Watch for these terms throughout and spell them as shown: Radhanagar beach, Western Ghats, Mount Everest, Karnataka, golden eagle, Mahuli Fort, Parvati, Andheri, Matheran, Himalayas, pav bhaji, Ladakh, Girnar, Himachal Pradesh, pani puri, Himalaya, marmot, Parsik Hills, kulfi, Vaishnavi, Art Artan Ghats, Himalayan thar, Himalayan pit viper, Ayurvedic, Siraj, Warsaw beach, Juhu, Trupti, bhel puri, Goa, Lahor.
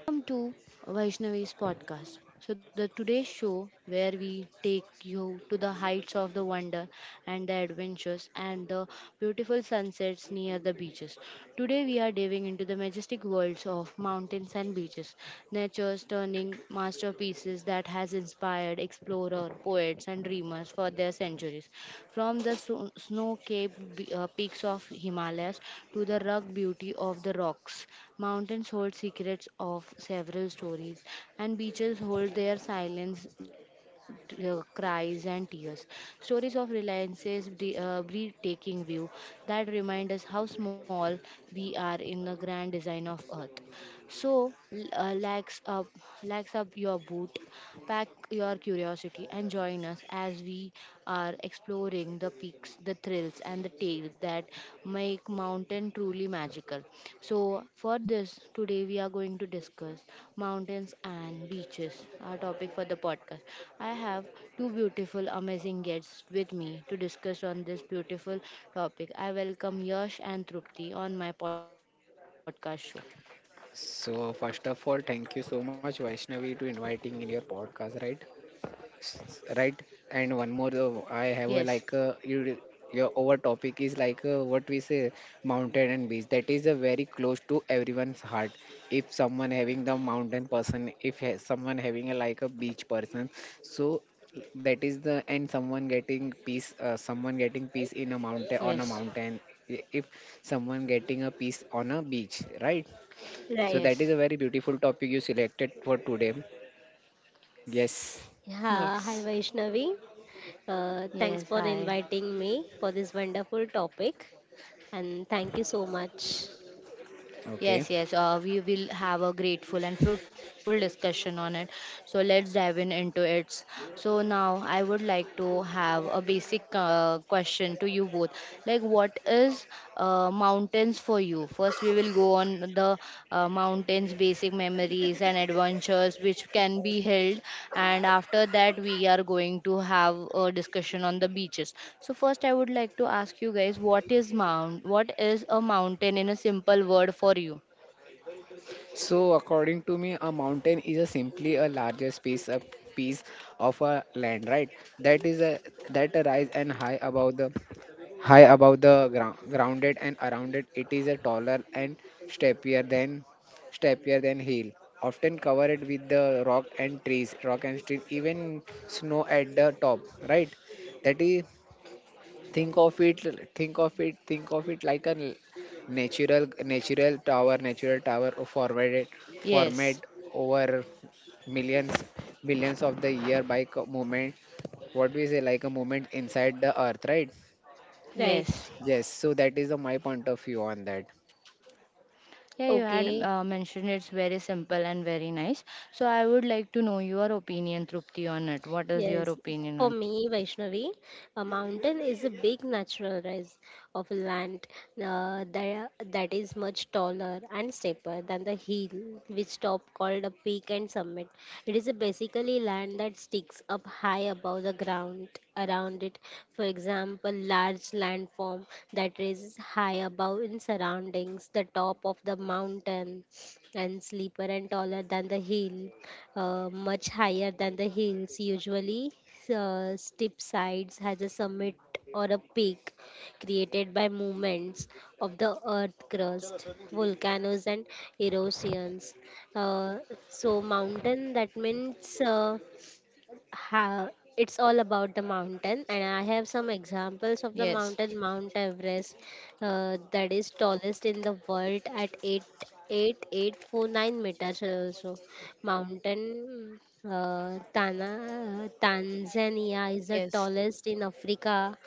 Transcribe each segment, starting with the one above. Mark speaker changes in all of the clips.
Speaker 1: Welcome to Vaishnavi's podcast. So, the Today's show where we take you to the heights of the wonder and the adventures and the beautiful sunsets near the beaches. Today, we are diving into the majestic worlds of mountains and beaches, nature's turning masterpieces that has inspired explorer, poets, and dreamers for their centuries. From the snow-capped peaks of Himalayas to the rugged beauty of the rocks, mountains hold secrets of several stories, and beaches hold their silence, cries, and tears. Stories of reliances breathtaking view that remind us how small we are in the grand design of Earth. So lax up your boot, pack your curiosity, and join us as we are exploring the peaks, the thrills, and the tales that make mountain truly magical. So for this today, we are going to discuss mountains and beaches, our topic for the podcast. I have two beautiful, amazing guests with me to discuss on this beautiful topic. I welcome Yash and Trupti on my podcast show.
Speaker 2: So first of all, thank you so much, Vaishnavi, to inviting in your podcast, right? Right. And one more,
Speaker 1: Yes,
Speaker 2: I have a like you, your our topic is like what we say, mountain and beach. That is a very close to everyone's heart. If someone having the mountain person, if ha- someone having a like a beach person, so that is the and someone getting peace in a mountain
Speaker 1: yes.
Speaker 2: on a mountain. If someone getting a peace on a beach, right? So
Speaker 1: Yes,
Speaker 2: that is a very beautiful topic you selected for today. Yes.
Speaker 3: Yeah, hi
Speaker 1: yes,
Speaker 3: Vaishnavi.
Speaker 1: yes,
Speaker 3: Thanks for
Speaker 1: hi.
Speaker 3: inviting me for this wonderful topic and thank you so much.
Speaker 1: Yes,
Speaker 2: Okay.
Speaker 1: yes, we will have a grateful and fruitful discussion on it. So let's dive in into it. So now I would like to have a basic question to you both. Like, what is mountains for you? First, we will go on the mountains basic memories and adventures which can be held, and after that we are going to have a discussion on the beaches. So first I would like to ask you guys, what is a mountain in a simple word for you?
Speaker 2: So according to me, a mountain is a simply a larger space, a piece of a land, right? That is a that rise and high above the ground, grounded and around it. It is a taller and steppier than steppier than hill. Often covered with the rock and trees, even snow at the top, right? That is think of it think of it like a natural natural tower of forwarded format
Speaker 1: Yes.
Speaker 2: over millions millions of the year by movement what we say like a movement inside the earth, right?
Speaker 3: Right.
Speaker 1: Yes.
Speaker 2: Yes, so that is the, my point of view on that.
Speaker 1: Yeah, you had
Speaker 3: Okay.
Speaker 1: mentioned it's very simple and very nice. So I would like to know your opinion, Trupti, on it. What is your
Speaker 3: Yes,
Speaker 1: opinion
Speaker 3: for
Speaker 1: on it?
Speaker 3: me, Vaishnavi, a mountain is a big natural rise of land that is much taller and steeper than the hill, which top called a peak and summit. It is a basically land that sticks up high above the ground around it. For example, large landform that rises high above in surroundings, the top of the mountain and steeper and taller than the hill, much higher than the hills usually, steep sides has a summit or a peak created by movements of the earth crust volcanoes and erosions. uh, so mountain that means, ha, it's all about the mountain and I have some examples of the
Speaker 1: Yes.
Speaker 3: mountain. Mount Everest, that is tallest in the world at eight four nine meters. Also mountain, Tanzania is the
Speaker 1: Yes.
Speaker 3: tallest in Africa.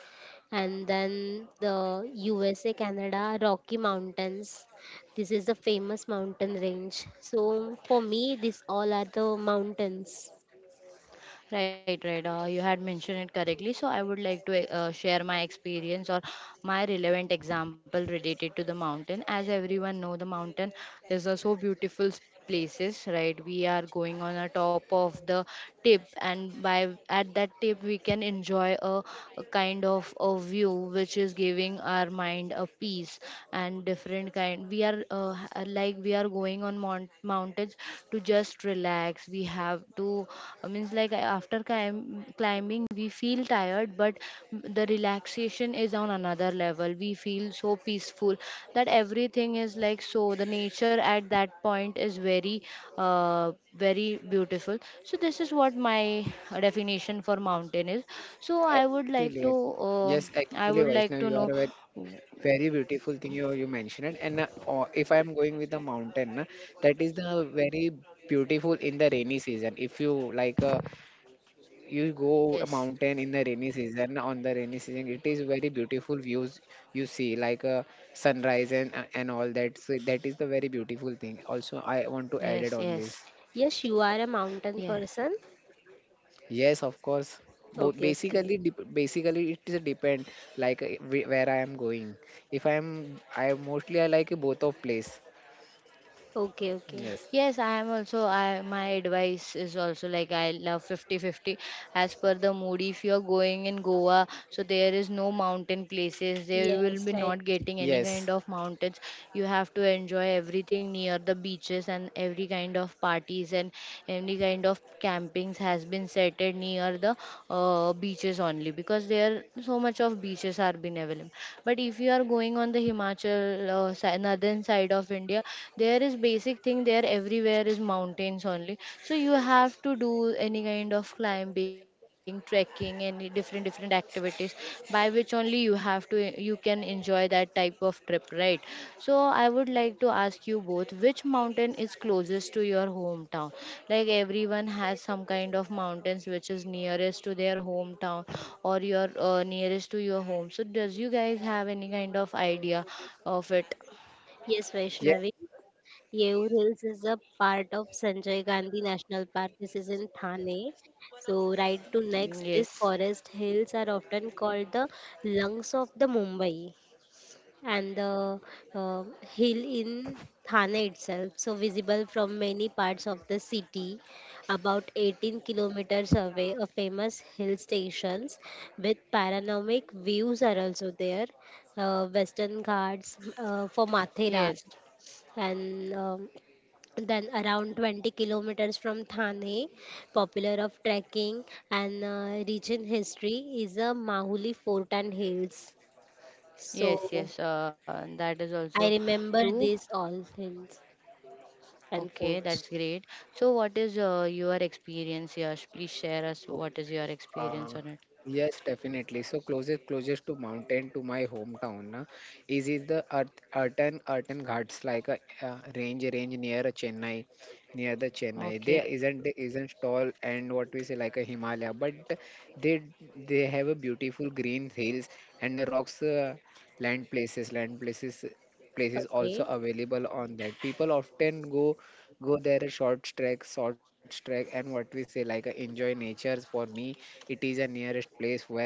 Speaker 3: And then the USA Canada Rocky Mountains, this is the famous mountain range. So for me these all are the mountains.
Speaker 1: Right, right. You had mentioned it correctly. So I would like to share my experience or my relevant example related to the mountain. As everyone know, the mountain is a so beautiful places, right? We are going on a top of the tip, and by at that tip we can enjoy a kind of a view which is giving our mind a peace and different kind. We are like we are going on want mountains to just relax. We have to, I means like climbing we feel tired, but the relaxation is on another level. We feel so peaceful that everything is like so. The nature at that point is uh, very beautiful. So this is what my definition for mountain is. So I would like
Speaker 2: Actually,
Speaker 1: to, uh,
Speaker 2: yes,
Speaker 1: I
Speaker 2: actually,
Speaker 1: would like
Speaker 2: Vaishnav,
Speaker 1: to
Speaker 2: you are
Speaker 1: know.
Speaker 2: a very very beautiful thing you mentioned it. And or if I am going with the mountain, that is the very beautiful in the rainy season. If you like, you go a
Speaker 1: Yes,
Speaker 2: mountain in the rainy season. On the rainy season, it is very beautiful views you see, like sunrise and all that. So that is the very beautiful thing. Also, I want to
Speaker 1: yes,
Speaker 2: add it
Speaker 1: yes,
Speaker 2: on this.
Speaker 3: Yes, you are a
Speaker 1: yes.
Speaker 3: mountain person.
Speaker 2: Yes, of course. Both
Speaker 3: Okay, okay.
Speaker 2: basically, basically it is depend like where I am going. If I am, I mostly I like both of place.
Speaker 3: Okay, okay.
Speaker 2: Yes,
Speaker 1: Yes, I am also. I my advice is also like I love 50 50, as per the mood. If you are going in Goa, so there is no mountain places. There you will
Speaker 3: Yes,
Speaker 1: be
Speaker 3: right.
Speaker 1: not getting any kind
Speaker 2: yes,
Speaker 1: of mountains. You have to enjoy everything near the beaches and every kind of parties, and any kind of campings has been set it near the beaches only, because there so much of beaches are been available. But if you are going on the Himachal northern side of India, there is basic thing, there everywhere is mountains only, so you have to do any kind of climbing, trekking, any different different activities by which only you have to, you can enjoy that type of trip, right? So I would like to ask you both, which mountain is closest to your hometown? Like everyone has some kind of mountains which is nearest to their hometown or your nearest to your home. So does you guys have any kind of idea of it?
Speaker 3: Yes,
Speaker 2: yes.
Speaker 3: Vaishnavi. Yeo Hills is a part of Sanjay Gandhi National Park. This is in Thane. So, right to next, these
Speaker 1: Yes.
Speaker 3: forest hills are often called the lungs of the Mumbai. And the hill in Thane itself, so visible from many parts of the city, about 18 kilometers away, a famous hill stations with panoramic views are also there. Western Ghats for Matheran,
Speaker 1: Yes,
Speaker 3: and then around 20 kilometers from Thane, popular of trekking and rich in history is a Mahuli Fort and Hills.
Speaker 1: yes,
Speaker 3: So
Speaker 1: yes. That is also
Speaker 3: I remember
Speaker 1: true.
Speaker 3: these all things and
Speaker 1: Okay,
Speaker 3: folks.
Speaker 1: that's great. So, what is your experience, Yash? Please share us what is your
Speaker 2: Um,
Speaker 1: experience on it.
Speaker 2: yes, definitely. So closest to mountain to my hometown na, is the Art Artan Ghats like a range near a Chennai near the Chennai. They
Speaker 1: Okay.
Speaker 2: isn't they isn't tall and what we say like a Himalaya, but they they have a beautiful green hills and a rocks land places places also
Speaker 3: Okay.
Speaker 2: available on that. People often go there a short trek and what we say like enjoy nature. For me it is a nearest place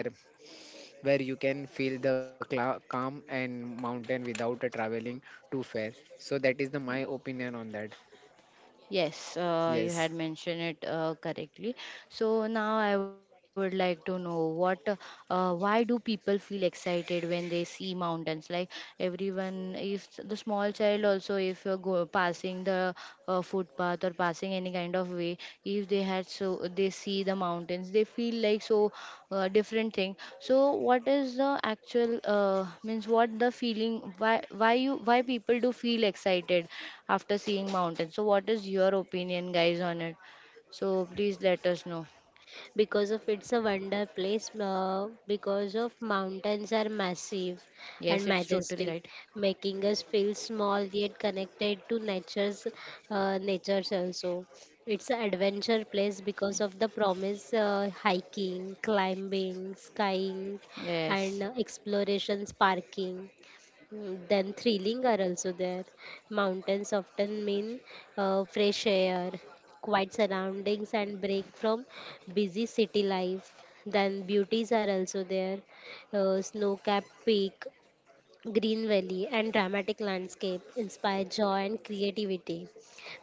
Speaker 2: where you can feel the calm and mountain without traveling too far. So that is the my opinion on that.
Speaker 1: Yes, you
Speaker 2: Yes,
Speaker 1: had mentioned it correctly. So now I would like to know what, why do people feel excited when they see mountains? Like everyone, if the small child also, if you're go passing the footpath or passing any kind of way, if they had so they see the mountains, they feel like so different thing. So what is the actual means what the feeling, why why you, why people do feel excited after seeing mountains? So what is your opinion, guys, on it? So please let us know.
Speaker 3: Because of it's a wonder place, because of mountains
Speaker 1: Yes,
Speaker 3: are
Speaker 1: it's totally
Speaker 3: massive
Speaker 1: right.
Speaker 3: and majestic, making us feel small yet connected to nature's, natures also. It's an adventure place because of the promise, hiking climbing skying
Speaker 1: Yes.
Speaker 3: and explorations parking. Mm, then thrilling are also there. Mountains often mean fresh air, quiet surroundings and break from busy city life. Then beauties are also there, snow-capped peak, green valley, and dramatic landscape inspire joy and creativity.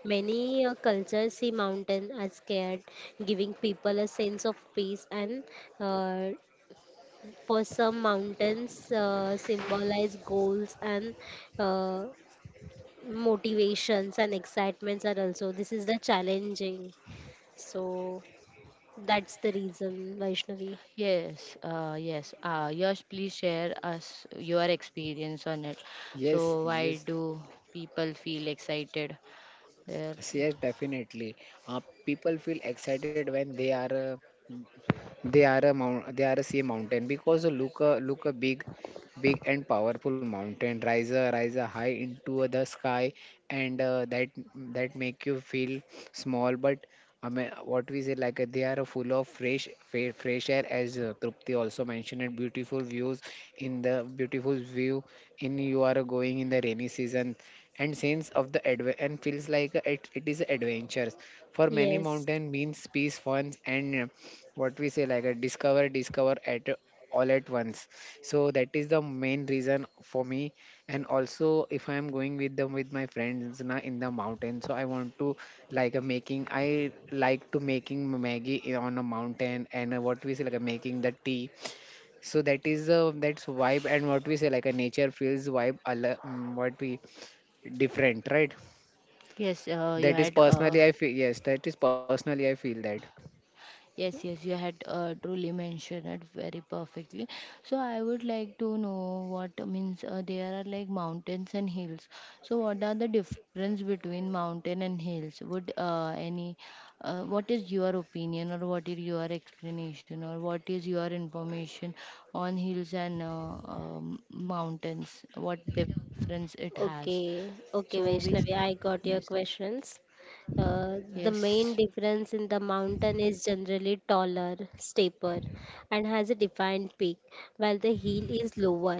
Speaker 3: Many cultures see mountain as scared, giving people a sense of peace. And uh, for some, mountains symbolize goals and uh, motivations and excitements are also. This is the challenging. So that's the reason, Vaishnavi.
Speaker 1: Yes, yes. Yash, please share us your experience on it. So,
Speaker 2: yes,
Speaker 1: why
Speaker 2: yes,
Speaker 1: do people feel excited? There.
Speaker 2: yes, definitely, people feel excited when they are They are a mount. They are a sea mountain because a look a big, big and powerful mountain rise a high into the sky, and that make you feel small. But I mean, what we say like they are full of fresh air, as Trupti also mentioned, and beautiful views in the beautiful view in you are going in the rainy season, and sense of the and feels like it is adventures for many.
Speaker 3: Yes.
Speaker 2: Mountain means peace, fun, and what we say like a discover at all at once. So that is the main reason for me. And also if I am going with them with my friends na in the mountain, so I want to like a making I like to making maggie on a mountain and what we say like a making the tea. So that is that's vibe and what we say like a nature feels vibe al- what we different, right?
Speaker 1: Yes, you
Speaker 2: that is
Speaker 1: had
Speaker 2: personally I feel Yes, that is personally I feel that.
Speaker 1: yes, yes, you had truly mentioned it very perfectly. So I would like to know, what means there are like mountains and hills. So what are the difference between mountain and hills? Would any what is your opinion, or what is your explanation, or what is your information on hills and mountains? What difference it has?
Speaker 3: Okay. Okay,
Speaker 1: So we,
Speaker 3: Vaishnavi, I got your
Speaker 1: yes,
Speaker 3: questions. The
Speaker 1: yes,
Speaker 3: main difference in the mountain is generally taller, steeper, and has a defined peak, while the hill is lower,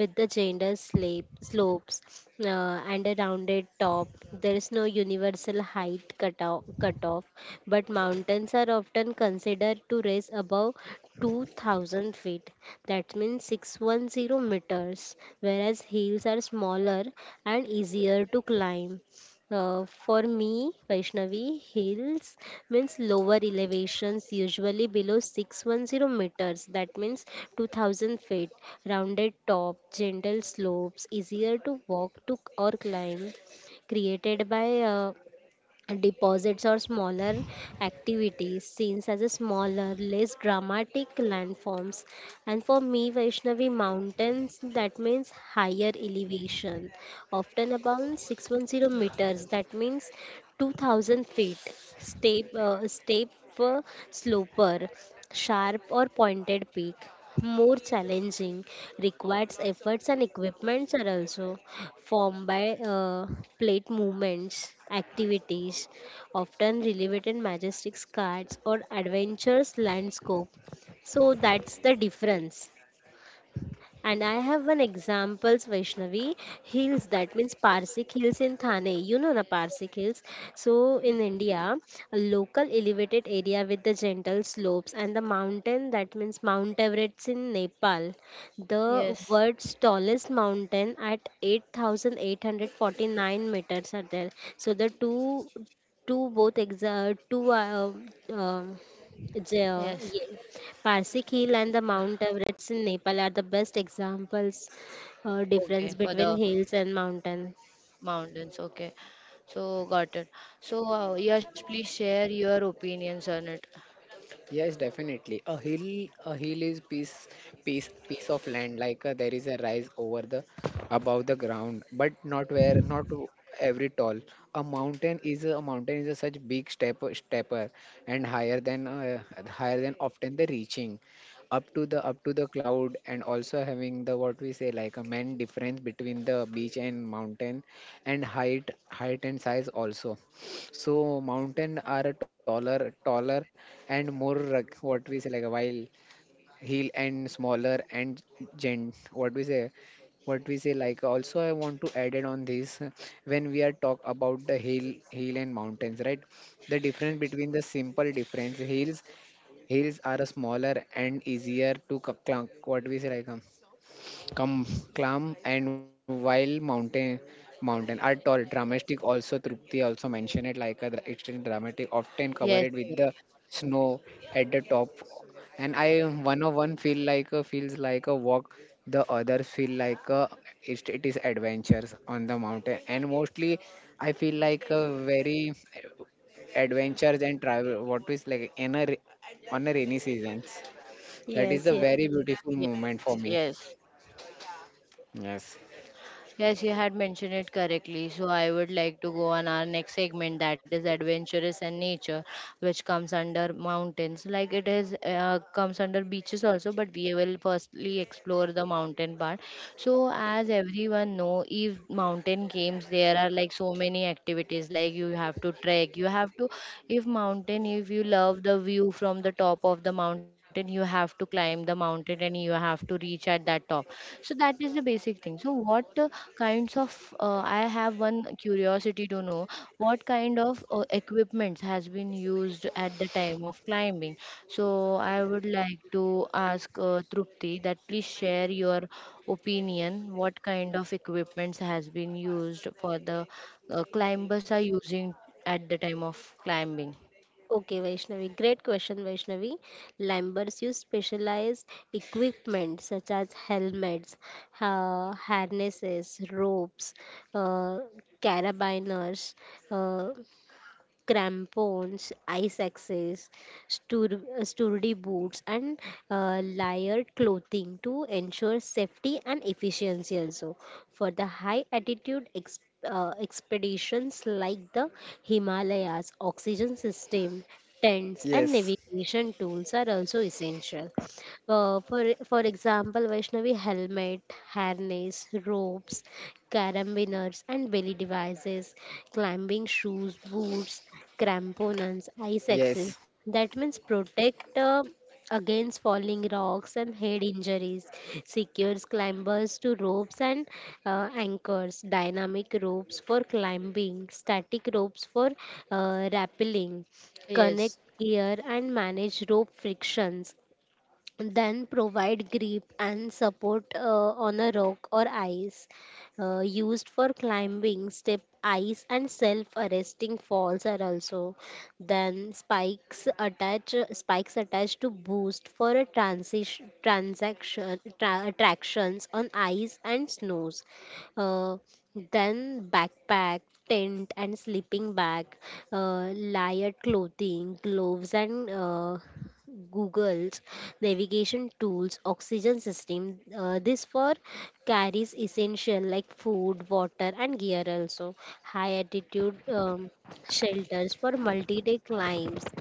Speaker 3: with the gender slape, slopes, and a rounded top. There is no universal height cutoff, but mountains are often considered to rise above 2000 feet, that means 610 meters, whereas hills are smaller and easier to climb. For me, Vaishnavi, hills means lower elevations, usually below 610 meters, that means 2000 feet, rounded top, gentle slopes, easier to walk to or climb, created by deposits or smaller activities, seen as a smaller less dramatic landforms. And for me Vaishnavi, mountains that means higher elevation, often about 610 meters, that means 2000 feet, step, step uh, sloper, sharp or pointed peak, more challenging, requires efforts and equipments are also formed by plate movements, activities, often relevant in majestic cards or adventures landscape. So that's the difference. And I have one examples, Vaishnavi. Hills, that means Parsik Hills in Thane. You know the Parsik Hills. So in India, a local elevated area with the gentle slopes. And the mountain, that means Mount Everest in Nepal, the
Speaker 1: yes,
Speaker 3: world's tallest mountain at 8,849 meters are there. So the two, two both exa two um, j-
Speaker 1: yes.
Speaker 3: yeah. Parsik Hill and the Mount Everest in Nepal are the best examples, difference
Speaker 1: Okay, for
Speaker 3: between
Speaker 1: the
Speaker 3: hills and mountain.
Speaker 1: mountains. Okay. So got it. So yes, please share your opinions on it.
Speaker 2: Yes, definitely. A hill is piece of land. Like there is a rise over the, above the ground, but not where, not to every tall. A mountain is a such big stepper, and higher than, often the reaching, up to the cloud, and also having the what we say like a main difference between the beach and mountain, and height, height and size also. So mountain are taller and more what we say like a while hill and smaller and gent. What we say like, also I want to add it on this, when we are talk about the hill, hill and mountains, right? The difference between the simple difference hills, hills are a smaller and easier to clunk. What we say like. Kam, Klam. And while mountain are tall, dramatic, also Trupti also mentioned it like a extremely dramatic, often
Speaker 1: Yes,
Speaker 2: covered with
Speaker 1: yes,
Speaker 2: the snow at the top. And I one of one feel like a feels like a walk, the others feel like a it is adventures on the mountain. And mostly I feel like a very adventures and travel what is like in a on a rainy seasons. That is
Speaker 3: Yes,
Speaker 2: the
Speaker 3: yes.
Speaker 2: very beautiful moment
Speaker 1: yes.
Speaker 2: for me.
Speaker 1: Yes.
Speaker 2: Yes.
Speaker 1: Yes, you had mentioned it correctly. So I would like to go on our next segment, that is adventurous and nature, which comes under mountains. Like it is comes under beaches also, but we will firstly explore the mountain part. So as everyone know, if mountain games, there are like so many activities. Like you have to trek, you have to, if mountain, if you love the view from the top of the mountain, you have to climb the mountain and you have to reach at that top. So that is the basic thing. So what kinds of I have one curiosity to know what kind of equipments has been used at the time of climbing. So I would like to ask Trupti, that please share your opinion, what kind of equipments has been used for the climbers are using at the time of climbing.
Speaker 3: Okay, Vaishnavi. Great question, Vaishnavi. Climbers use specialized equipment such as helmets, ha harnesses, ropes, uh, carabiners, uh, crampons, ice axes, sturdy boots, and layered clothing to ensure safety and efficiency also. For the high altitude expeditions like the Himalayas, oxygen system, tents, and
Speaker 2: Yes,
Speaker 3: navigation tools are also essential. Uh, for for example, Vaishnavi, helmet, harness, ropes, carabiners, and belly devices, climbing shoes, boots, cramponins, ice axes.
Speaker 2: yes,
Speaker 3: That means protect against falling rocks and head injuries. Secures climbers to ropes and anchors. Dynamic ropes for climbing. Static ropes for rappelling. Connect
Speaker 1: Yes.
Speaker 3: gear and manage rope frictions, then provide grip and support on a rock or ice, used for climbing step ice and self arresting falls are also, then spikes attached to boost for a attractions on ice and snows. uh, then backpack, tent and sleeping bag, layered clothing, gloves and Google's navigation tools, oxygen system. This for carries essential like food, water, and gear also. High altitude shelters for multi-day climbs,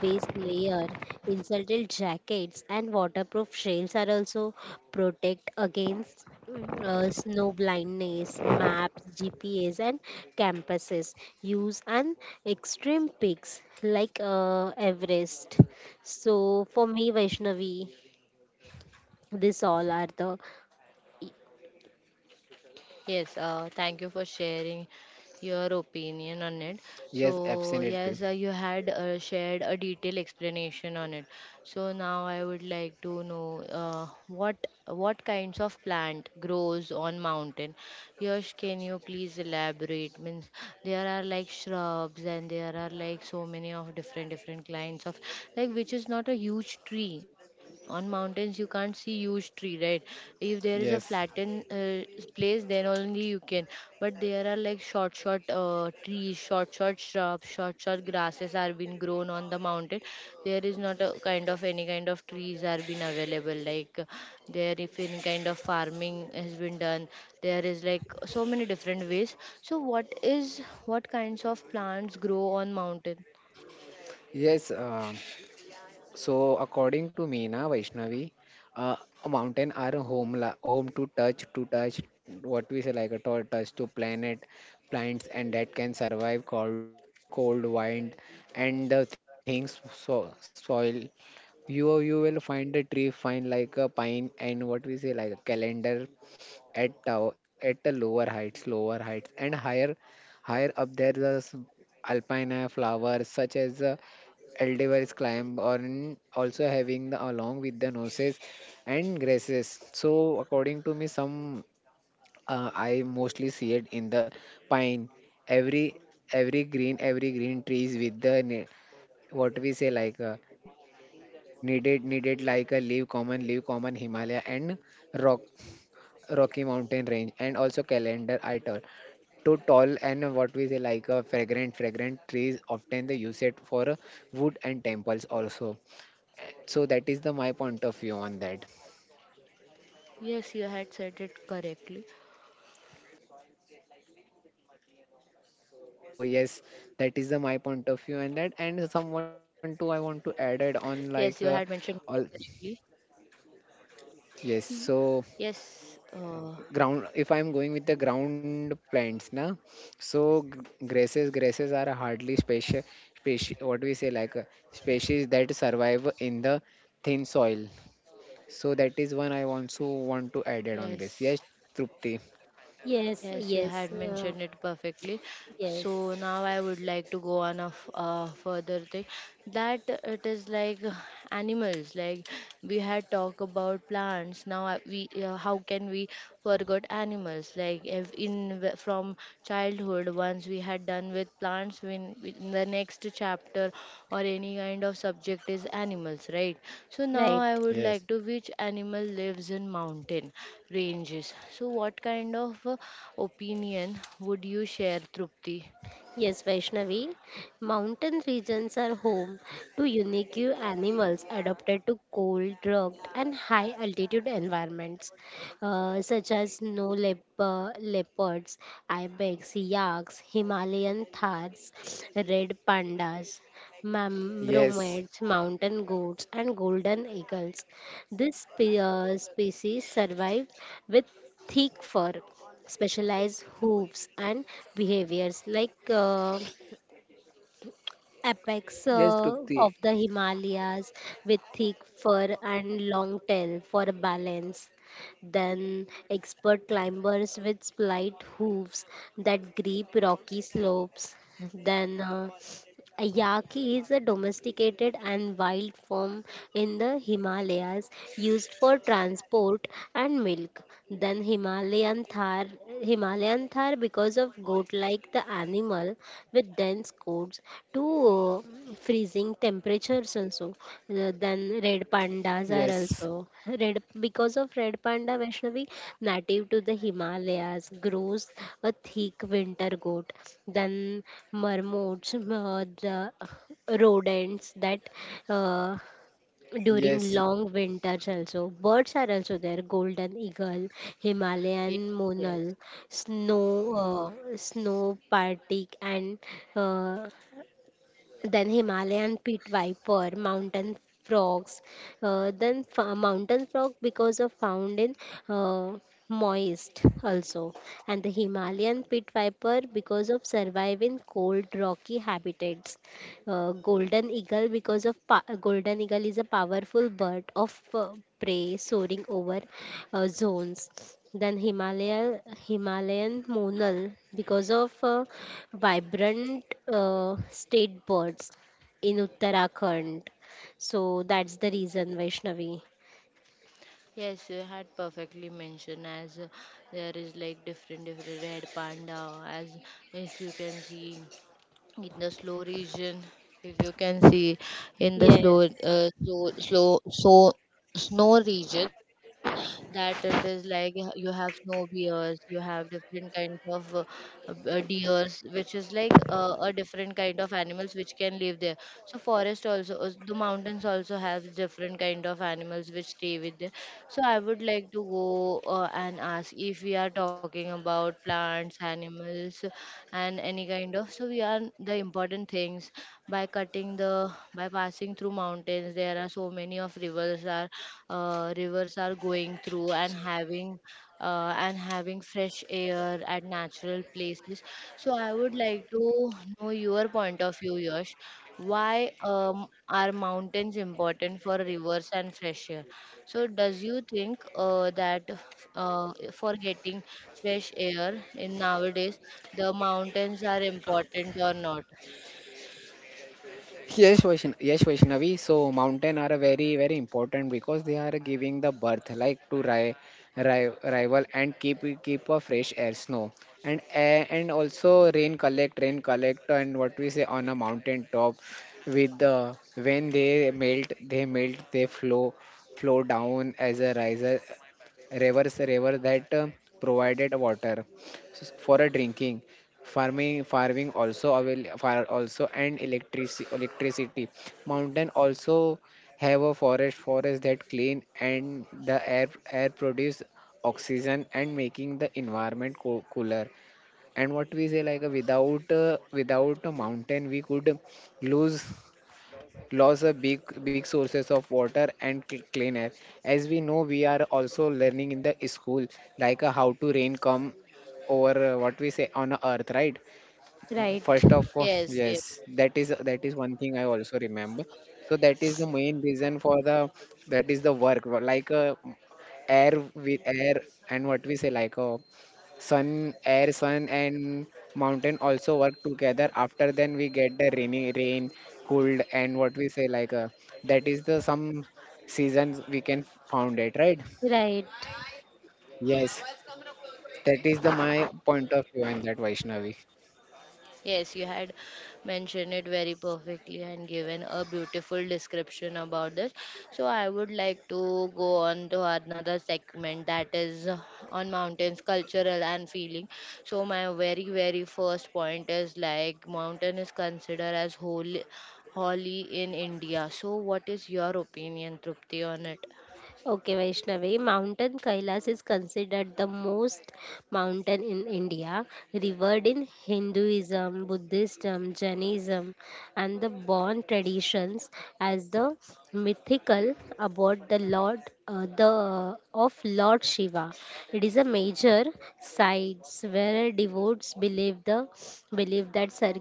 Speaker 3: base layer, insulted jackets, and waterproof shells are also protect against snow blindness. Maps, GPS, and campuses use and extreme peaks like Everest. So for me, Vaishnavi, this all are the y-
Speaker 1: Yes, thank you for sharing your opinion on it.
Speaker 2: yes,
Speaker 1: So,
Speaker 2: absolutely.
Speaker 1: yes, you had shared a detailed explanation on it. So now I would like to know what what kinds of plant grows on mountain. Yash, can you please elaborate? Means there are like shrubs, and there are like so many of different different kinds of, like which is not a huge tree on mountains. You can't see huge tree, right? If there is a
Speaker 2: Yes,
Speaker 1: flattened place, then only you can. But there are like short, short trees, short, short shrubs, short, short grasses are being grown on the mountain. There is not a kind of any kind of trees are been available. Like there, if any kind of farming has been done, there is like so many different ways. So, what is what kinds of plants grow on mountain?
Speaker 2: yes. So, according to me, na Vaishnavi, uh, a mountain are a home, la home to what we say like a to touch to planet, plants, and that can survive cold wind, and the things so soil. You will find a find like a pine, and what we say like a calendar at tow at the lower heights, and higher up there the alpine flowers such as Eldiver's climb on, also having the along with the noses and grasses. So according to me, some I mostly see it in the pine. Every every green trees with the what we say like needed like a leaf common Himalaya and rock Rocky Mountain range, and also calendar ital to tall and what we say like a fragrant trees, often they use it for wood and temples also. So that is the my point of view on that.
Speaker 1: Yes, you had said it correctly.
Speaker 2: So yes, that is the my point of view on that. And someone
Speaker 1: Yes,
Speaker 2: too
Speaker 1: you
Speaker 2: I want
Speaker 1: had
Speaker 2: to add
Speaker 1: mentioned
Speaker 2: it
Speaker 1: it
Speaker 2: on, like
Speaker 1: correctly.
Speaker 2: all yes.
Speaker 3: y-
Speaker 2: So
Speaker 1: Yes,
Speaker 2: ground, if I'm going with the ground plants now, so grasses are hardly special species what we say like a species that survive in the thin soil. So that is one I also want to add
Speaker 1: yes,
Speaker 2: it on this. Yes, Trupti.
Speaker 1: yes, you
Speaker 3: yes,
Speaker 1: had
Speaker 3: yes,
Speaker 1: mentioned it perfectly. So
Speaker 3: yes,
Speaker 1: now I would like to go on a further thing, that it is like animals. Like we had talked about plants. Now we, how can we forget animals? Like if in from childhood ones we had done with plants, when in the next chapter or any kind of subject is animals, right? So now
Speaker 3: right.
Speaker 1: I would like to,
Speaker 2: Yes,
Speaker 1: which animal lives in mountain ranges? So what kind of opinion would you share, Trupti?
Speaker 3: Yes, Vaishnavi, mountain regions are home to unique animals adapted to cold, rugged, and high altitude environments, such as leopards, ibex, yaks, Himalayan thars, red pandas, romance,
Speaker 2: yes,
Speaker 3: mountain goats, and golden eagles. This species survive with thick fur, specialized hooves and behaviors like apex
Speaker 2: yes,
Speaker 3: of
Speaker 2: Trupti,
Speaker 3: the Himalayas with thick fur and long tail for balance. Then expert climbers with slight hooves that grip rocky slopes. Then a yaki is a domesticated and wild form in the Himalayas used for transport and milk. Then Himalayan thar because of goat like the animal with dense coats to freezing temperatures also. Then red pandas are
Speaker 2: yes,
Speaker 3: also red because of red panda. Vaishnavi, native to the Himalayas, grows a thick winter coat. Then marmots, the rodents that uh, during
Speaker 2: yes.
Speaker 3: long winters, also birds are also there. Golden eagle,
Speaker 1: Ye-
Speaker 3: Himalayan
Speaker 1: yes.
Speaker 3: monal, snow partic, and uh, then Himalayan pit viper, mountain frogs. Then mountain frog because of found in uh, moist also, and the Himalayan pit viper because of survive in cold rocky habitats. Golden eagle because of golden eagle is a powerful bird of prey soaring over zones. Then Himalayan monal because of vibrant state birds in Uttarakhand. So that's the reason, Vaishnavi.
Speaker 1: Yes, you had perfectly mentioned. As there is like different different red panda, as if you can see in the slow region, if you can see in the slow
Speaker 3: Yes.
Speaker 1: slow slow so snow region, that it is like you have snow bears, you have different kinds of deers, which is like a different kind of animals which can live there. So forest also, the mountains also have different kind of animals which stay with them. So I would like to go and ask, if we are talking about plants, animals, and any kind of, so we are the important things by cutting the, by passing through mountains. There are so many of rivers are going through and having fresh air at natural places. So I would like to know your point of view, Yash. Why are mountains important for rivers and fresh air? So does you think that for getting fresh air in nowadays, the mountains are important or not?
Speaker 2: Yes, yes, Vaishnavi. So mountain are a very very important because they are giving the birth like to rival and keep a fresh air, snow and air, and also rain collect and what we say on a mountain top. With the when they melt they flow down as a riser rivers river that provided water for a drinking, farming also avail far also, and electricity. Mountain also have a forest that clean and the air produce oxygen and making the environment cooler. And what we say like without a mountain we could lose. Laws are big, big sources of water and clean air. As we know, we are also learning in the school, like how to rain come over what we say on earth, right?
Speaker 3: Right,
Speaker 2: First of all,
Speaker 1: Yes, yes.
Speaker 2: yes, that is one thing I also remember. So that is the main reason for the, that is the work like air with air and what we say like sun air sun and mountain also work together. After then we get the rain cold, and what we say like that is the some seasons we can found it, right?
Speaker 3: right.
Speaker 2: Yes, that is the my point of view and that, Vaishnavi.
Speaker 1: Yes, you had mentioned it very perfectly and given a beautiful description about this. So I would like to go on to another segment, that is on mountains, cultural and feeling. So my very very first point is like mountain is considered as holy, holy in India. So what is your opinion, Trupti, on it?
Speaker 3: Okay, Vaishnavi, Mountain Kailas is considered the most mountain in India, revered in Hinduism, Buddhism, Jainism, and the born traditions as the mythical about the Lord, the of Lord Shiva. It is a major sites where devotees believe the believe that sir,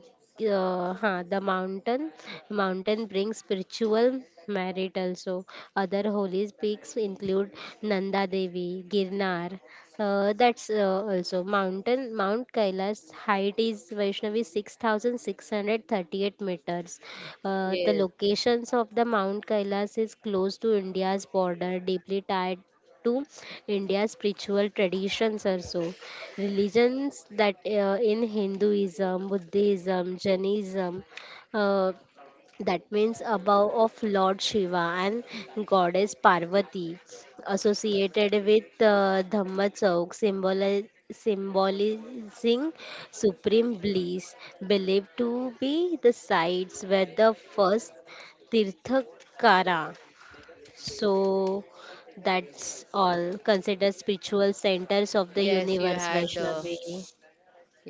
Speaker 3: the mountain brings spiritual merit also. Other holy peaks include Nanda Devi, Girnar. That's also mountain. Mount Kailash height is Vaishnavi 6,638 meters. The
Speaker 1: Yes,
Speaker 3: locations of the Mount Kailash is close to India's border, deeply tied to India's spiritual traditions also. Religions that in Hinduism, Buddhism, Jainism, uh, that means above of Lord Shiva and Goddess Parvati, associated with Dhamma Chauk, symbolizing supreme bliss, believed to be the sites where the first Tirthakara. So that's all considered spiritual centers of the
Speaker 1: yes, you
Speaker 3: universe,
Speaker 1: had. Uh,
Speaker 3: Vaishnavi.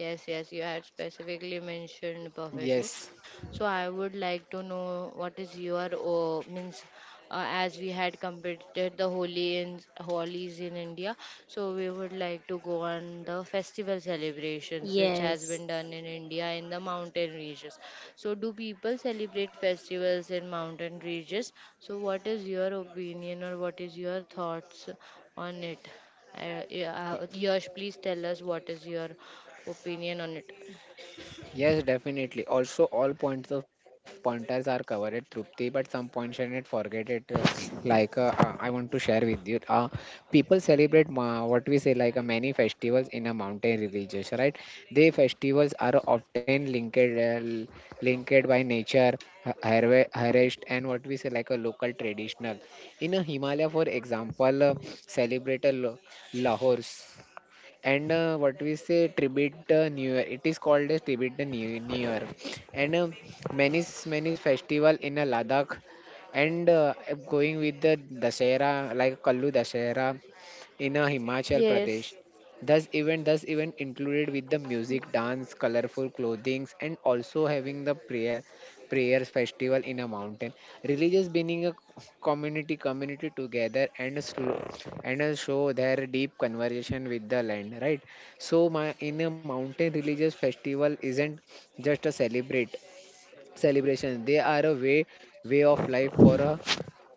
Speaker 1: Yes, yes, you had specifically mentioned perfectly.
Speaker 2: Yes,
Speaker 1: So I would like to know what is your oh, means as we had completed the Holi in Holi's in India. So we would like to go on the festival celebrations which has
Speaker 3: Yes.
Speaker 1: been done in India in the mountain regions. So do people celebrate festivals in mountain regions? So what is your opinion or what is your thoughts on it? Yeah, Yash, please tell us what is your opinion on it.
Speaker 2: yes, definitely. Also, all points of pointers are covered, at Trupti, but some points I did forget it. Like I want to share with you, people celebrate what we say like many festivals in a mountain religious, right? They festivals are often linked, linked by nature, harvest, and what we say like a local traditional. In a Himalaya, for example, celebrate a Lahor's and what we say tribute new year, it is called as tribute the new year, and many many festival in Ladakh, and going with the dasera like Kallu Dasera in Himachal
Speaker 1: Yes.
Speaker 2: Pradesh. Thus event included with the music, dance, colorful clothings, and also having the prayers festival in a mountain. Religious being a community together and slow, and show their deep conversation with the land, right? So, my in a mountain religious festival isn't just a celebrate celebration; they are a way of life for a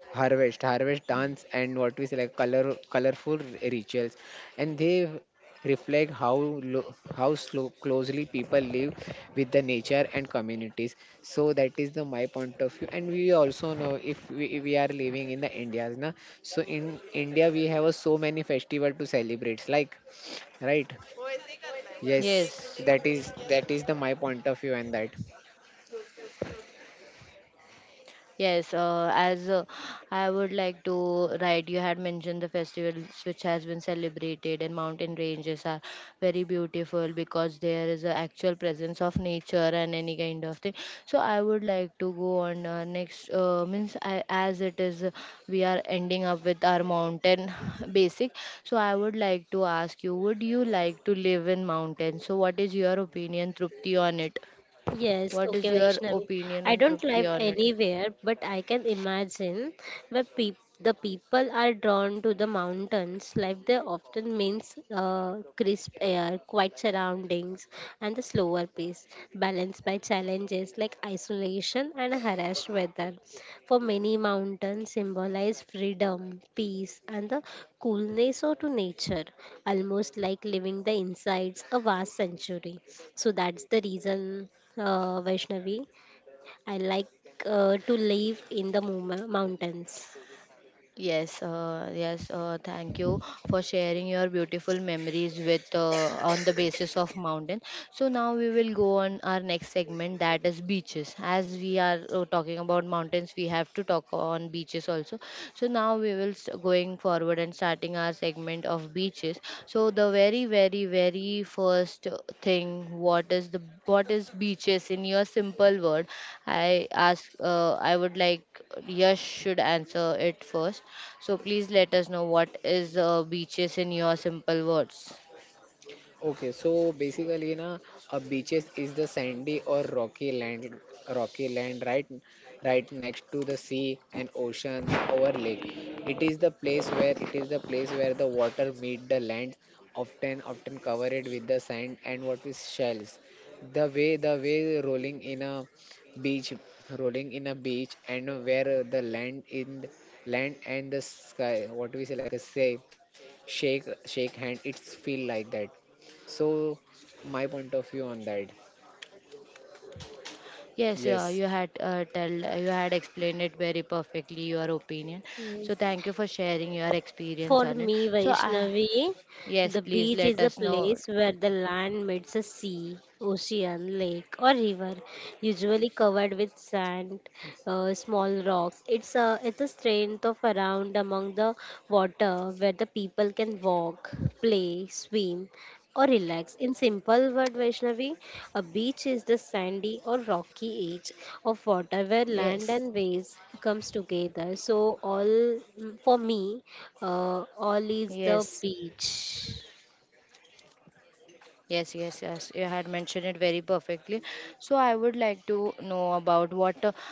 Speaker 2: harvest dance and what we say like colorful rituals, and they reflect how slow, closely people live with the nature and communities. So that is the my point of view. And we also know, if we are living in the india na? So in india we have a, so many festival to celebrate like right. Yes,
Speaker 1: Yes.
Speaker 2: that is the my point of view. And that,
Speaker 1: Yes, as I would like to right, you had mentioned the festivals which has been celebrated and mountain ranges are very beautiful because there is an actual presence of nature and any kind of thing. So I would like to go on next means I, as it is we are ending up with our mountain basic. So I would like to ask you, would you like to live in mountains? So what is your opinion, Trupti, on it?
Speaker 3: Yes,
Speaker 1: What
Speaker 3: okay,
Speaker 1: is your
Speaker 3: Vaishnavi.
Speaker 1: opinion
Speaker 3: I
Speaker 1: on
Speaker 3: don't
Speaker 1: Trupti
Speaker 3: live
Speaker 1: on it?
Speaker 3: anywhere, but I can imagine where peop the people are drawn to the mountains. Life there often means crisp air, quiet surroundings, and the slower pace, balanced by challenges like isolation and harsh weather. For many, mountains symbolize freedom, peace, and the coolness of to nature, almost like living the insides a vast century. So that's the reason, Vaishnavi, I like to live in the mountains.
Speaker 1: Yes, yes, thank you for sharing your beautiful memories with on the basis of mountain. So now we will go on our next segment that is beaches. As we are talking about mountains, we have to talk on beaches also. So now we will going forward and starting our segment of beaches. So the very first thing, what is the what is beaches in your simple word? I ask. I would like Yash should answer it first. So please let us know what is beaches in your simple words.
Speaker 2: okay, so basically, na, a beaches is the sandy or rocky land, right, right next to the sea and oceans or lake. It is the place where the water meet the land, often covered with the sand and what is shells. The way rolling in a beach, and where the land in land and the sky, what we say like a say, shake hand. It's feel like that, so, my point of view on that.
Speaker 1: Yes, yeah,
Speaker 2: Yes,
Speaker 1: you had tell you had explained it very perfectly your opinion. So
Speaker 3: Yes.
Speaker 1: thank you for sharing your experience
Speaker 3: For
Speaker 1: on it.
Speaker 3: me,
Speaker 1: So I
Speaker 3: Vaishnavi,
Speaker 1: Yes,
Speaker 3: the
Speaker 1: please
Speaker 3: beach
Speaker 1: let
Speaker 3: is a
Speaker 1: us know.
Speaker 3: place where the land meets a sea, ocean, lake, or river, usually covered with sand, small rocks. It's a strength of around among the water where the people can walk, play, swim, or relax. In simple word, Vaishnavi, a beach is the sandy or rocky edge of water where land
Speaker 1: Yes,
Speaker 3: and waves comes together. So all for me, all
Speaker 1: yes.
Speaker 3: is the beach.
Speaker 1: Yes, yes, yes. You had mentioned it very perfectly. So I would like to know about what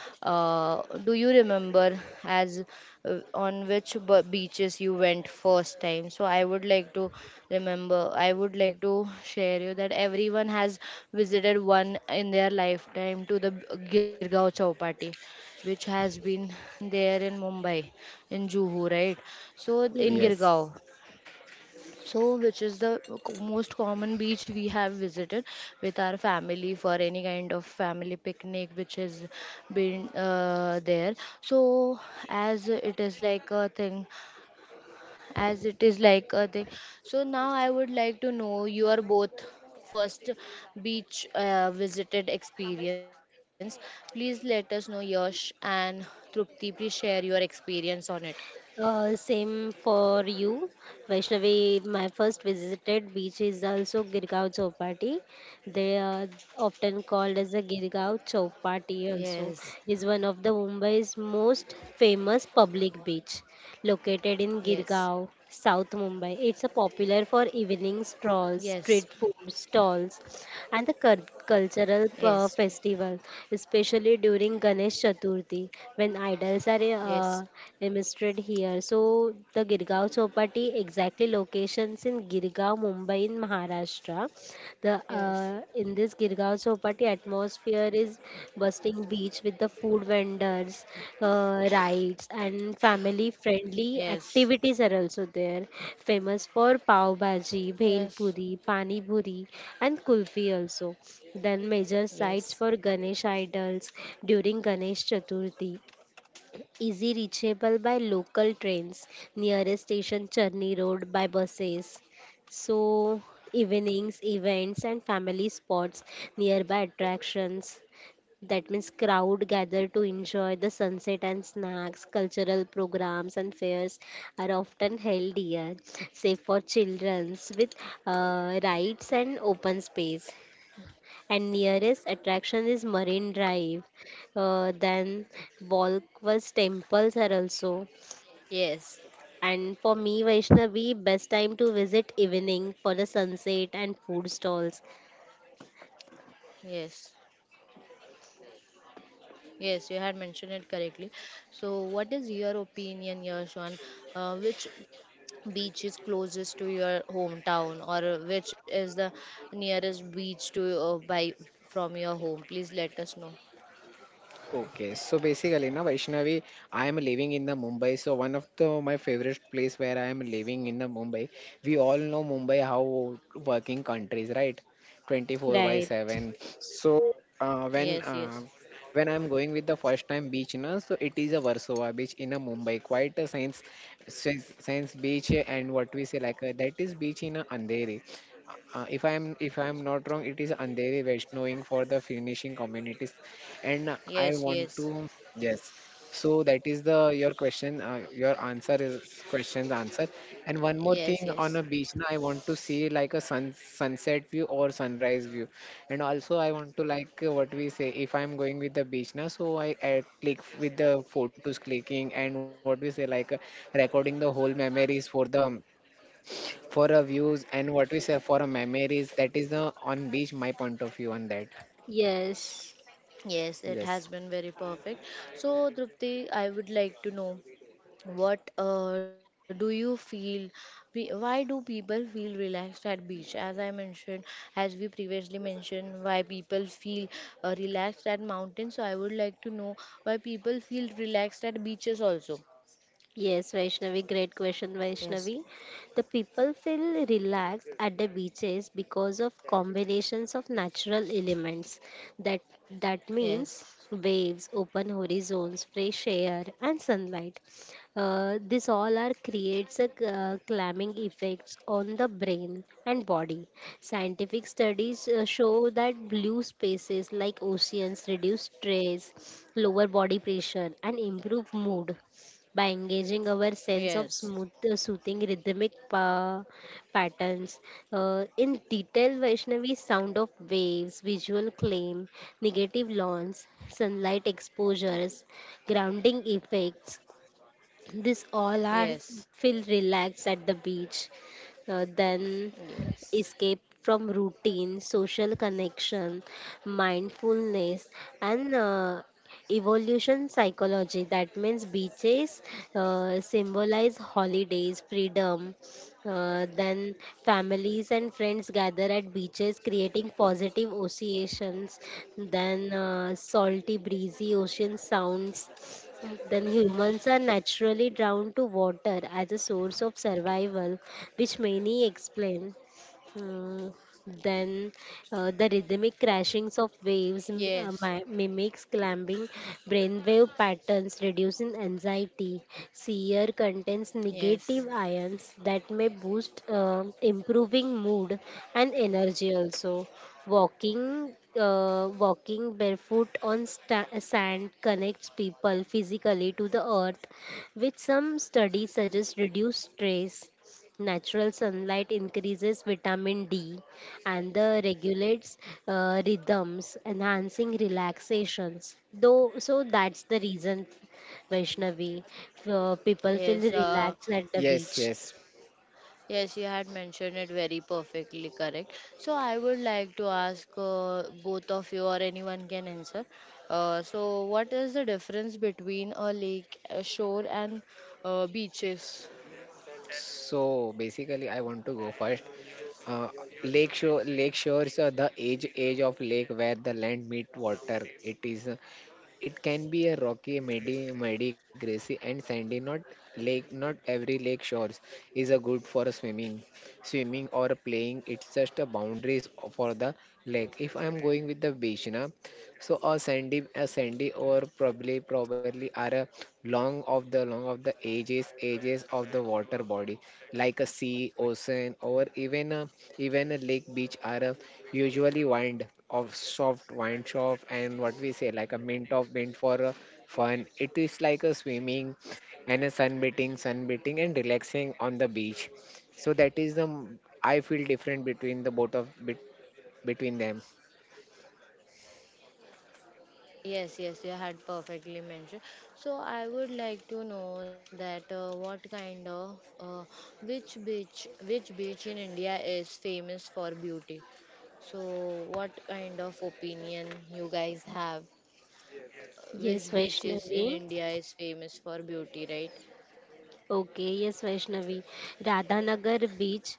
Speaker 1: do you remember as on which beaches you went first time. So I would like to remember. I would like to share you that everyone has visited one in their lifetime to the Girgaon Chowpatty, which has been there in Mumbai, in Juhu, right? So in
Speaker 3: Yes.
Speaker 2: yes.
Speaker 1: Girgaon, so which is the most common beach we have visited with our family for any kind of family picnic which has been there. So as it is like a thing, as it is like a thing so now I would like to know your both first beach visited experience. Please let us know, Yash, and Trupti, please share your experience on it.
Speaker 3: Same for you, Vaishnavi. My first visited beach is also Girgaon Chowpatty. They are often called as the Girgaon Chowpatty also,
Speaker 1: Yes,
Speaker 3: is one of the Mumbai's most famous public beach, located in
Speaker 1: yes,
Speaker 3: Girgaon, South Mumbai. It's a popular for evening
Speaker 1: yes,
Speaker 3: strolls, street food stalls, and the
Speaker 1: yes,
Speaker 3: cultural festival, especially during Ganesh Chaturthi when idols are
Speaker 1: yes.
Speaker 3: demonstrated here. So the Girgaon Chowpatty exactly locations in Girgaon, Mumbai in Maharashtra. The
Speaker 1: Yes.
Speaker 3: in this Girgaon Chowpatty atmosphere is interesting beach with the food vendors, rides, and
Speaker 1: Yes.
Speaker 3: family-friendly activities are also there. Famous for pav bhaji,
Speaker 1: Yes.
Speaker 3: bhel puri, pani puri, and kulfi also. Then major
Speaker 1: Yes.
Speaker 3: sites for Ganesh idols during Ganesh Chaturthi, easy reachable by local trains, nearest station Charni Road by buses. So evenings, events and family spots, nearby attractions, that means crowd gather to enjoy the sunset and snacks. Cultural programs and fairs are often held here, safe for children with rides and open space. And nearest attraction is Marine Drive. Then Volkwas temples are also.
Speaker 1: Yes,
Speaker 3: And for me, Vaishnavi, best time to visit evening for the sunset and food stalls.
Speaker 1: yes, yes, you had mentioned it correctly. So, what is your opinion, Yash, on which beach is closest to your hometown, or which is the nearest beach to by from your home? Please let us know.
Speaker 2: Okay. So basically, na Vaishnavi, I am living in the Mumbai. So one of the my favorite place where I am living in the Mumbai. We all know Mumbai how working countries, right? 24 by
Speaker 3: Right.
Speaker 2: 7. So uh, when
Speaker 1: Yes, yes,
Speaker 2: uh, when I'm going with the first time beach, na, so it is a Warsaw beach in a Mumbai. Quite a science beach, and what we say like that is beach in a Andheri. If I am not wrong, it is andheri vaishnoing for the finishing communities, and I
Speaker 1: yes,
Speaker 2: want
Speaker 1: yes,
Speaker 2: to, yes, so that is the your question. Your answer is questions answer. And one more
Speaker 1: yes,
Speaker 2: thing
Speaker 1: yes,
Speaker 2: on a beach na, I want to see like a sunset view or sunrise view, and also I want to like what we say, if I'm going with the beach now, so I click with the photos clicking, and what we say like recording the whole memories for the for a views, and what we say for a memories. That is the on beach my point of view on that.
Speaker 3: Yes.
Speaker 1: yes. It has
Speaker 2: Yes,
Speaker 1: been very perfect. So, Drupti, I would like to know. What do you feel? Why do people feel relaxed at beach? As I mentioned, as we previously mentioned, why people feel relaxed at mountains. So I would like to know why people feel relaxed at beaches also.
Speaker 3: Yes, Vaishnavi, great question,
Speaker 1: Yes,
Speaker 3: Vaishnavi. The people feel relaxed at the beaches because of combinations of natural elements. That that means
Speaker 1: yes,
Speaker 3: waves, open horizons, fresh air, and sunlight. This all are creates a calming effects on the brain and body. Scientific studies show that blue spaces like oceans reduce stress, lower body pressure, and improve mood by engaging our sense of
Speaker 1: yes,
Speaker 3: smooth, soothing rhythmic patterns. In detail, Vaishnavi, sound of waves, visual claim, negative lawns, sunlight exposures, grounding effects, this all are
Speaker 1: yes,
Speaker 3: feel relaxed at the beach, then
Speaker 1: yes,
Speaker 3: escape from routine, social connection, mindfulness, and evolution psychology. That means beaches symbolize holidays, freedom. Then families and friends gather at beaches, creating positive associations. Then salty, breezy ocean sounds, then humans are naturally drawn to water as a source of survival, which many explain. Mm, then the rhythmic crashings of waves
Speaker 1: yes,
Speaker 3: mimics climbing brainwave patterns, reducing anxiety. Sear contains negative
Speaker 1: yes,
Speaker 3: ions that may boost improving mood and energy also. Walking barefoot on sand connects people physically to the earth, which some studies suggest reduce stress. Natural sunlight increases vitamin D and the regulates rhythms, enhancing relaxations. Though, so that's the reason, Vaishnavi, people feel
Speaker 1: yes.
Speaker 3: relaxed at the
Speaker 2: yes,
Speaker 3: beach.
Speaker 2: yes.
Speaker 1: Yes, you had mentioned it very perfectly correct. So I would like to ask both of you, or anyone can answer. So, what is the difference between a lake, a shore, and beaches?
Speaker 2: So basically I want to go first, uh, lake shores are the edge of lake where the land meet water. It is it can be a rocky, muddy, grassy, and sandy. Not lake, not every lake shores is a good for a swimming, swimming or playing. It's just a boundaries for the lake. If I'm going with the beach na, so a sandy, or probably are a long of the ages of the water body, like a sea, ocean, or even a even a lake. Beach are a usually wind of soft wine shop, and what we say like a mint for a fun. It is like a swimming and a sunbathing and relaxing on the beach. So that is the I feel different between the between them.
Speaker 1: Yes, yes, you had perfectly mentioned. So I would like to know that what kind of which beach in India is famous for beauty? So, what kind of opinion you guys have?
Speaker 3: Yes,
Speaker 1: Which beaches
Speaker 3: Vaishnavi.
Speaker 1: in India is famous for beauty, right?
Speaker 3: Okay, yes, Vaishnavi. Radhanagar beach,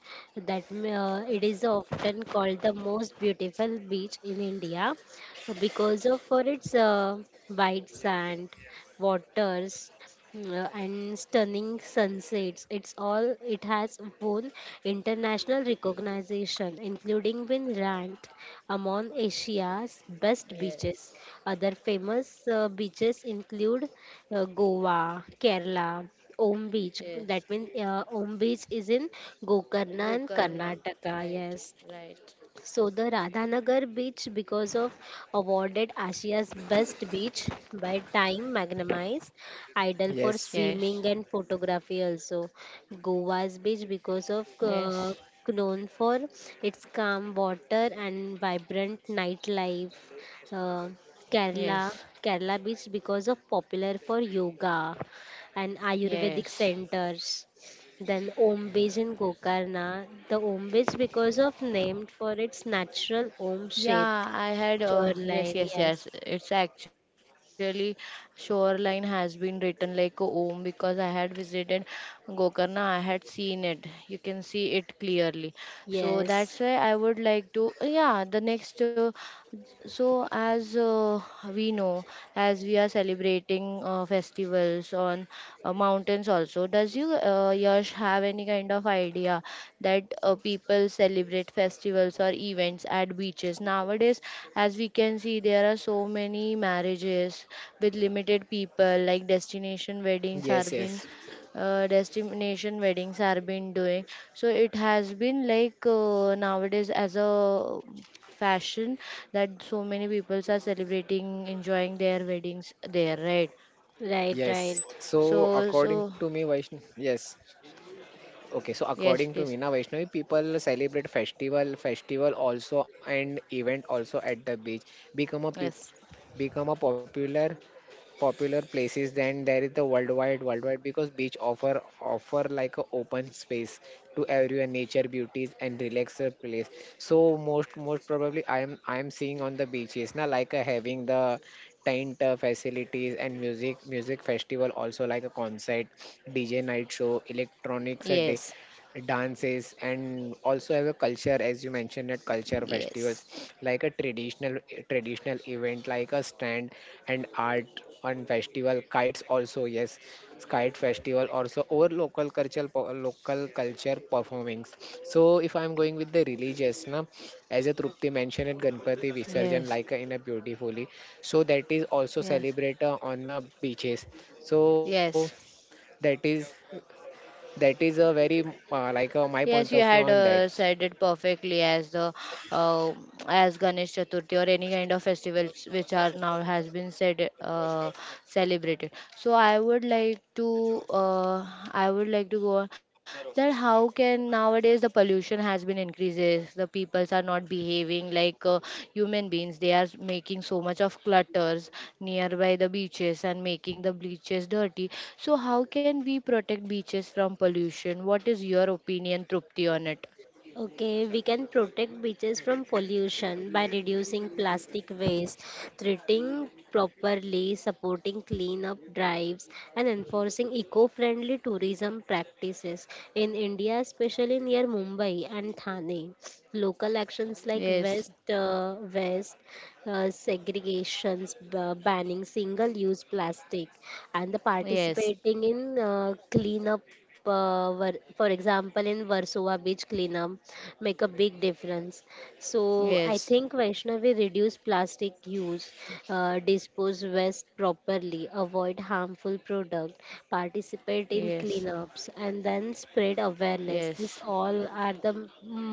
Speaker 3: that it is often called the most beautiful beach in India because of for its white sand, waters, and stunning sunsets. It's all it has won international recognition, including been ranked among Asia's best beaches.
Speaker 1: Yes,
Speaker 3: Other famous beaches include Goa, Kerala, Om Beach. That means
Speaker 1: yes.
Speaker 3: Om Beach is in Gokarna and
Speaker 1: Gokarna,
Speaker 3: Karnataka. Yes,
Speaker 1: right, right.
Speaker 3: so the Radhanagar beach because of awarded Asia's best beach by Time Magnemize, ideal
Speaker 1: Yes,
Speaker 3: for
Speaker 2: Yes,
Speaker 3: swimming and photography also. Goa's beach because of
Speaker 1: yes,
Speaker 3: known for its calm water and vibrant nightlife. Uh, Kerala
Speaker 1: yes,
Speaker 3: Kerala beach because of popular for yoga and Ayurvedic
Speaker 1: yes.
Speaker 3: centers. Then Om Beach in Gokarna. The Om because of named for its natural Omb shaped
Speaker 1: Yeah, I had
Speaker 3: shoreline.
Speaker 1: yes, yes,
Speaker 3: Yes.
Speaker 1: yes. It's actually shoreline has been written like a home because I had visited Gokarna. I had seen it. You can see it clearly. So that's
Speaker 3: Yes.
Speaker 1: why I would like to. Yeah, the next. So as we know, as we are celebrating festivals on mountains also. Does you, Yash, have any kind of idea that people celebrate festivals or events at beaches? Nowadays, as we can see, there are so many marriages with limited people, like destination weddings are
Speaker 2: yes,
Speaker 1: being
Speaker 2: yes.
Speaker 1: destination weddings are been doing. So it has been like nowadays as a fashion that so many people are celebrating, enjoying their weddings there, right?
Speaker 3: Right, right.
Speaker 2: Yes, so
Speaker 1: So,
Speaker 2: according
Speaker 1: so
Speaker 2: to me, Vaishnav, yes, okay, so
Speaker 1: yes,
Speaker 2: according to
Speaker 1: please,
Speaker 2: me, na Vaishnavi, people celebrate festival also and event also at the beach. become a peop-
Speaker 1: yes,
Speaker 2: Become a popular places, then there is the worldwide, because beach offer like a open space to everyone, nature beauties, and relax place. So most probably I am seeing on the beaches now, like having the tent facilities and music festival, also like a concert, dj night show, electronics a day
Speaker 1: yes,
Speaker 2: dances. And also have a culture, as you mentioned at culture
Speaker 1: yes,
Speaker 2: festivals, like a traditional event like a stand and art on festival, kites also, yes, kite festival also, or local local culture performings. So if I'm going with the religious na, as a trupti mentioned at ganpati visarjan,
Speaker 1: yes,
Speaker 2: like in a beautifully, so that is also
Speaker 1: yes,
Speaker 2: celebrate on the beaches. So
Speaker 1: yes.
Speaker 2: that is that is a very like my point of
Speaker 1: Yes,
Speaker 2: view
Speaker 1: you
Speaker 2: on
Speaker 1: had
Speaker 2: that.
Speaker 1: said it perfectly as the uh, as Ganesh Chaturthi or any kind of festivals which are now has been said celebrated. So I would like to go on that how can nowadays the pollution has been increases, the peoples are not behaving like human beings, they are making so much of clutters nearby the beaches and making the beaches dirty. So how can we protect beaches from pollution? What is your opinion, Trupti, on it?
Speaker 3: Okay, we can protect beaches from pollution by reducing plastic waste, treating properly, supporting cleanup drives, and enforcing eco friendly tourism practices. In India, especially near Mumbai and Thane, local actions like
Speaker 1: Yes,
Speaker 3: West segregations, banning single-use plastic, and the
Speaker 1: yes,
Speaker 3: participating in cleanup. For example, in Warsaw Beach cleanup make a big difference. So I
Speaker 1: yes,
Speaker 3: think, Vaishnavi, reduce plastic use, dispose waste properly, avoid harmful product, participate in
Speaker 1: yes,
Speaker 3: cleanups, and then spread
Speaker 1: yes,
Speaker 3: awareness. This all are the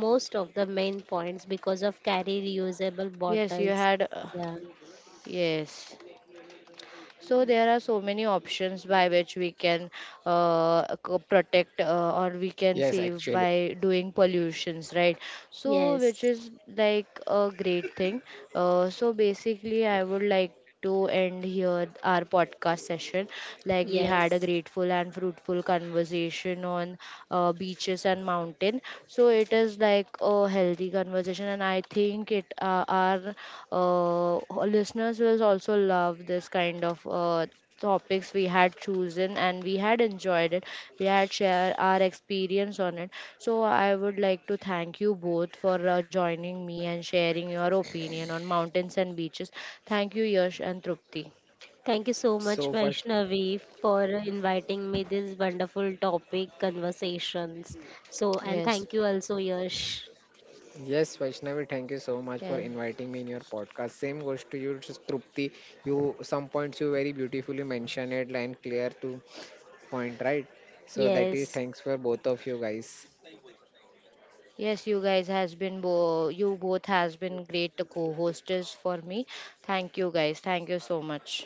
Speaker 3: most of the main points because of carry reusable
Speaker 1: yes, you had
Speaker 3: bottles. Yeah.
Speaker 1: yes. So there are so many options by which we can protect or we can
Speaker 2: Yes,
Speaker 1: save
Speaker 2: actually,
Speaker 1: by doing pollutions, right? So which
Speaker 3: Yes.
Speaker 1: is like a great thing. So basically, I would like to end here our podcast session. Like we had a
Speaker 3: Yes.
Speaker 1: grateful and fruitful conversation on beaches and mountain. So it is like a healthy conversation, and I think it our listeners will also love this kind of topics we had chosen, and we had enjoyed it. We had shared our experience on it. So I would like to thank you both for joining me and sharing your opinion on mountains and beaches. Thank you, Yash and Trupti.
Speaker 3: Thank you so
Speaker 2: so
Speaker 3: much,
Speaker 2: first,
Speaker 3: Vaishnavi, for inviting me this wonderful topic conversations. So,
Speaker 1: Yes.
Speaker 3: and thank you also, Yash.
Speaker 2: yes, Vaishnavi, thank you so much
Speaker 1: Yes.
Speaker 2: for inviting me in your podcast. Same goes to you, just Trupti. You some points you very beautifully mentioned it and clear to point, right? So that is
Speaker 3: Yes.
Speaker 2: thanks for both of you guys.
Speaker 1: Yes, you guys has been you both has been great co-hosts for me. Thank you guys. Thank you so much.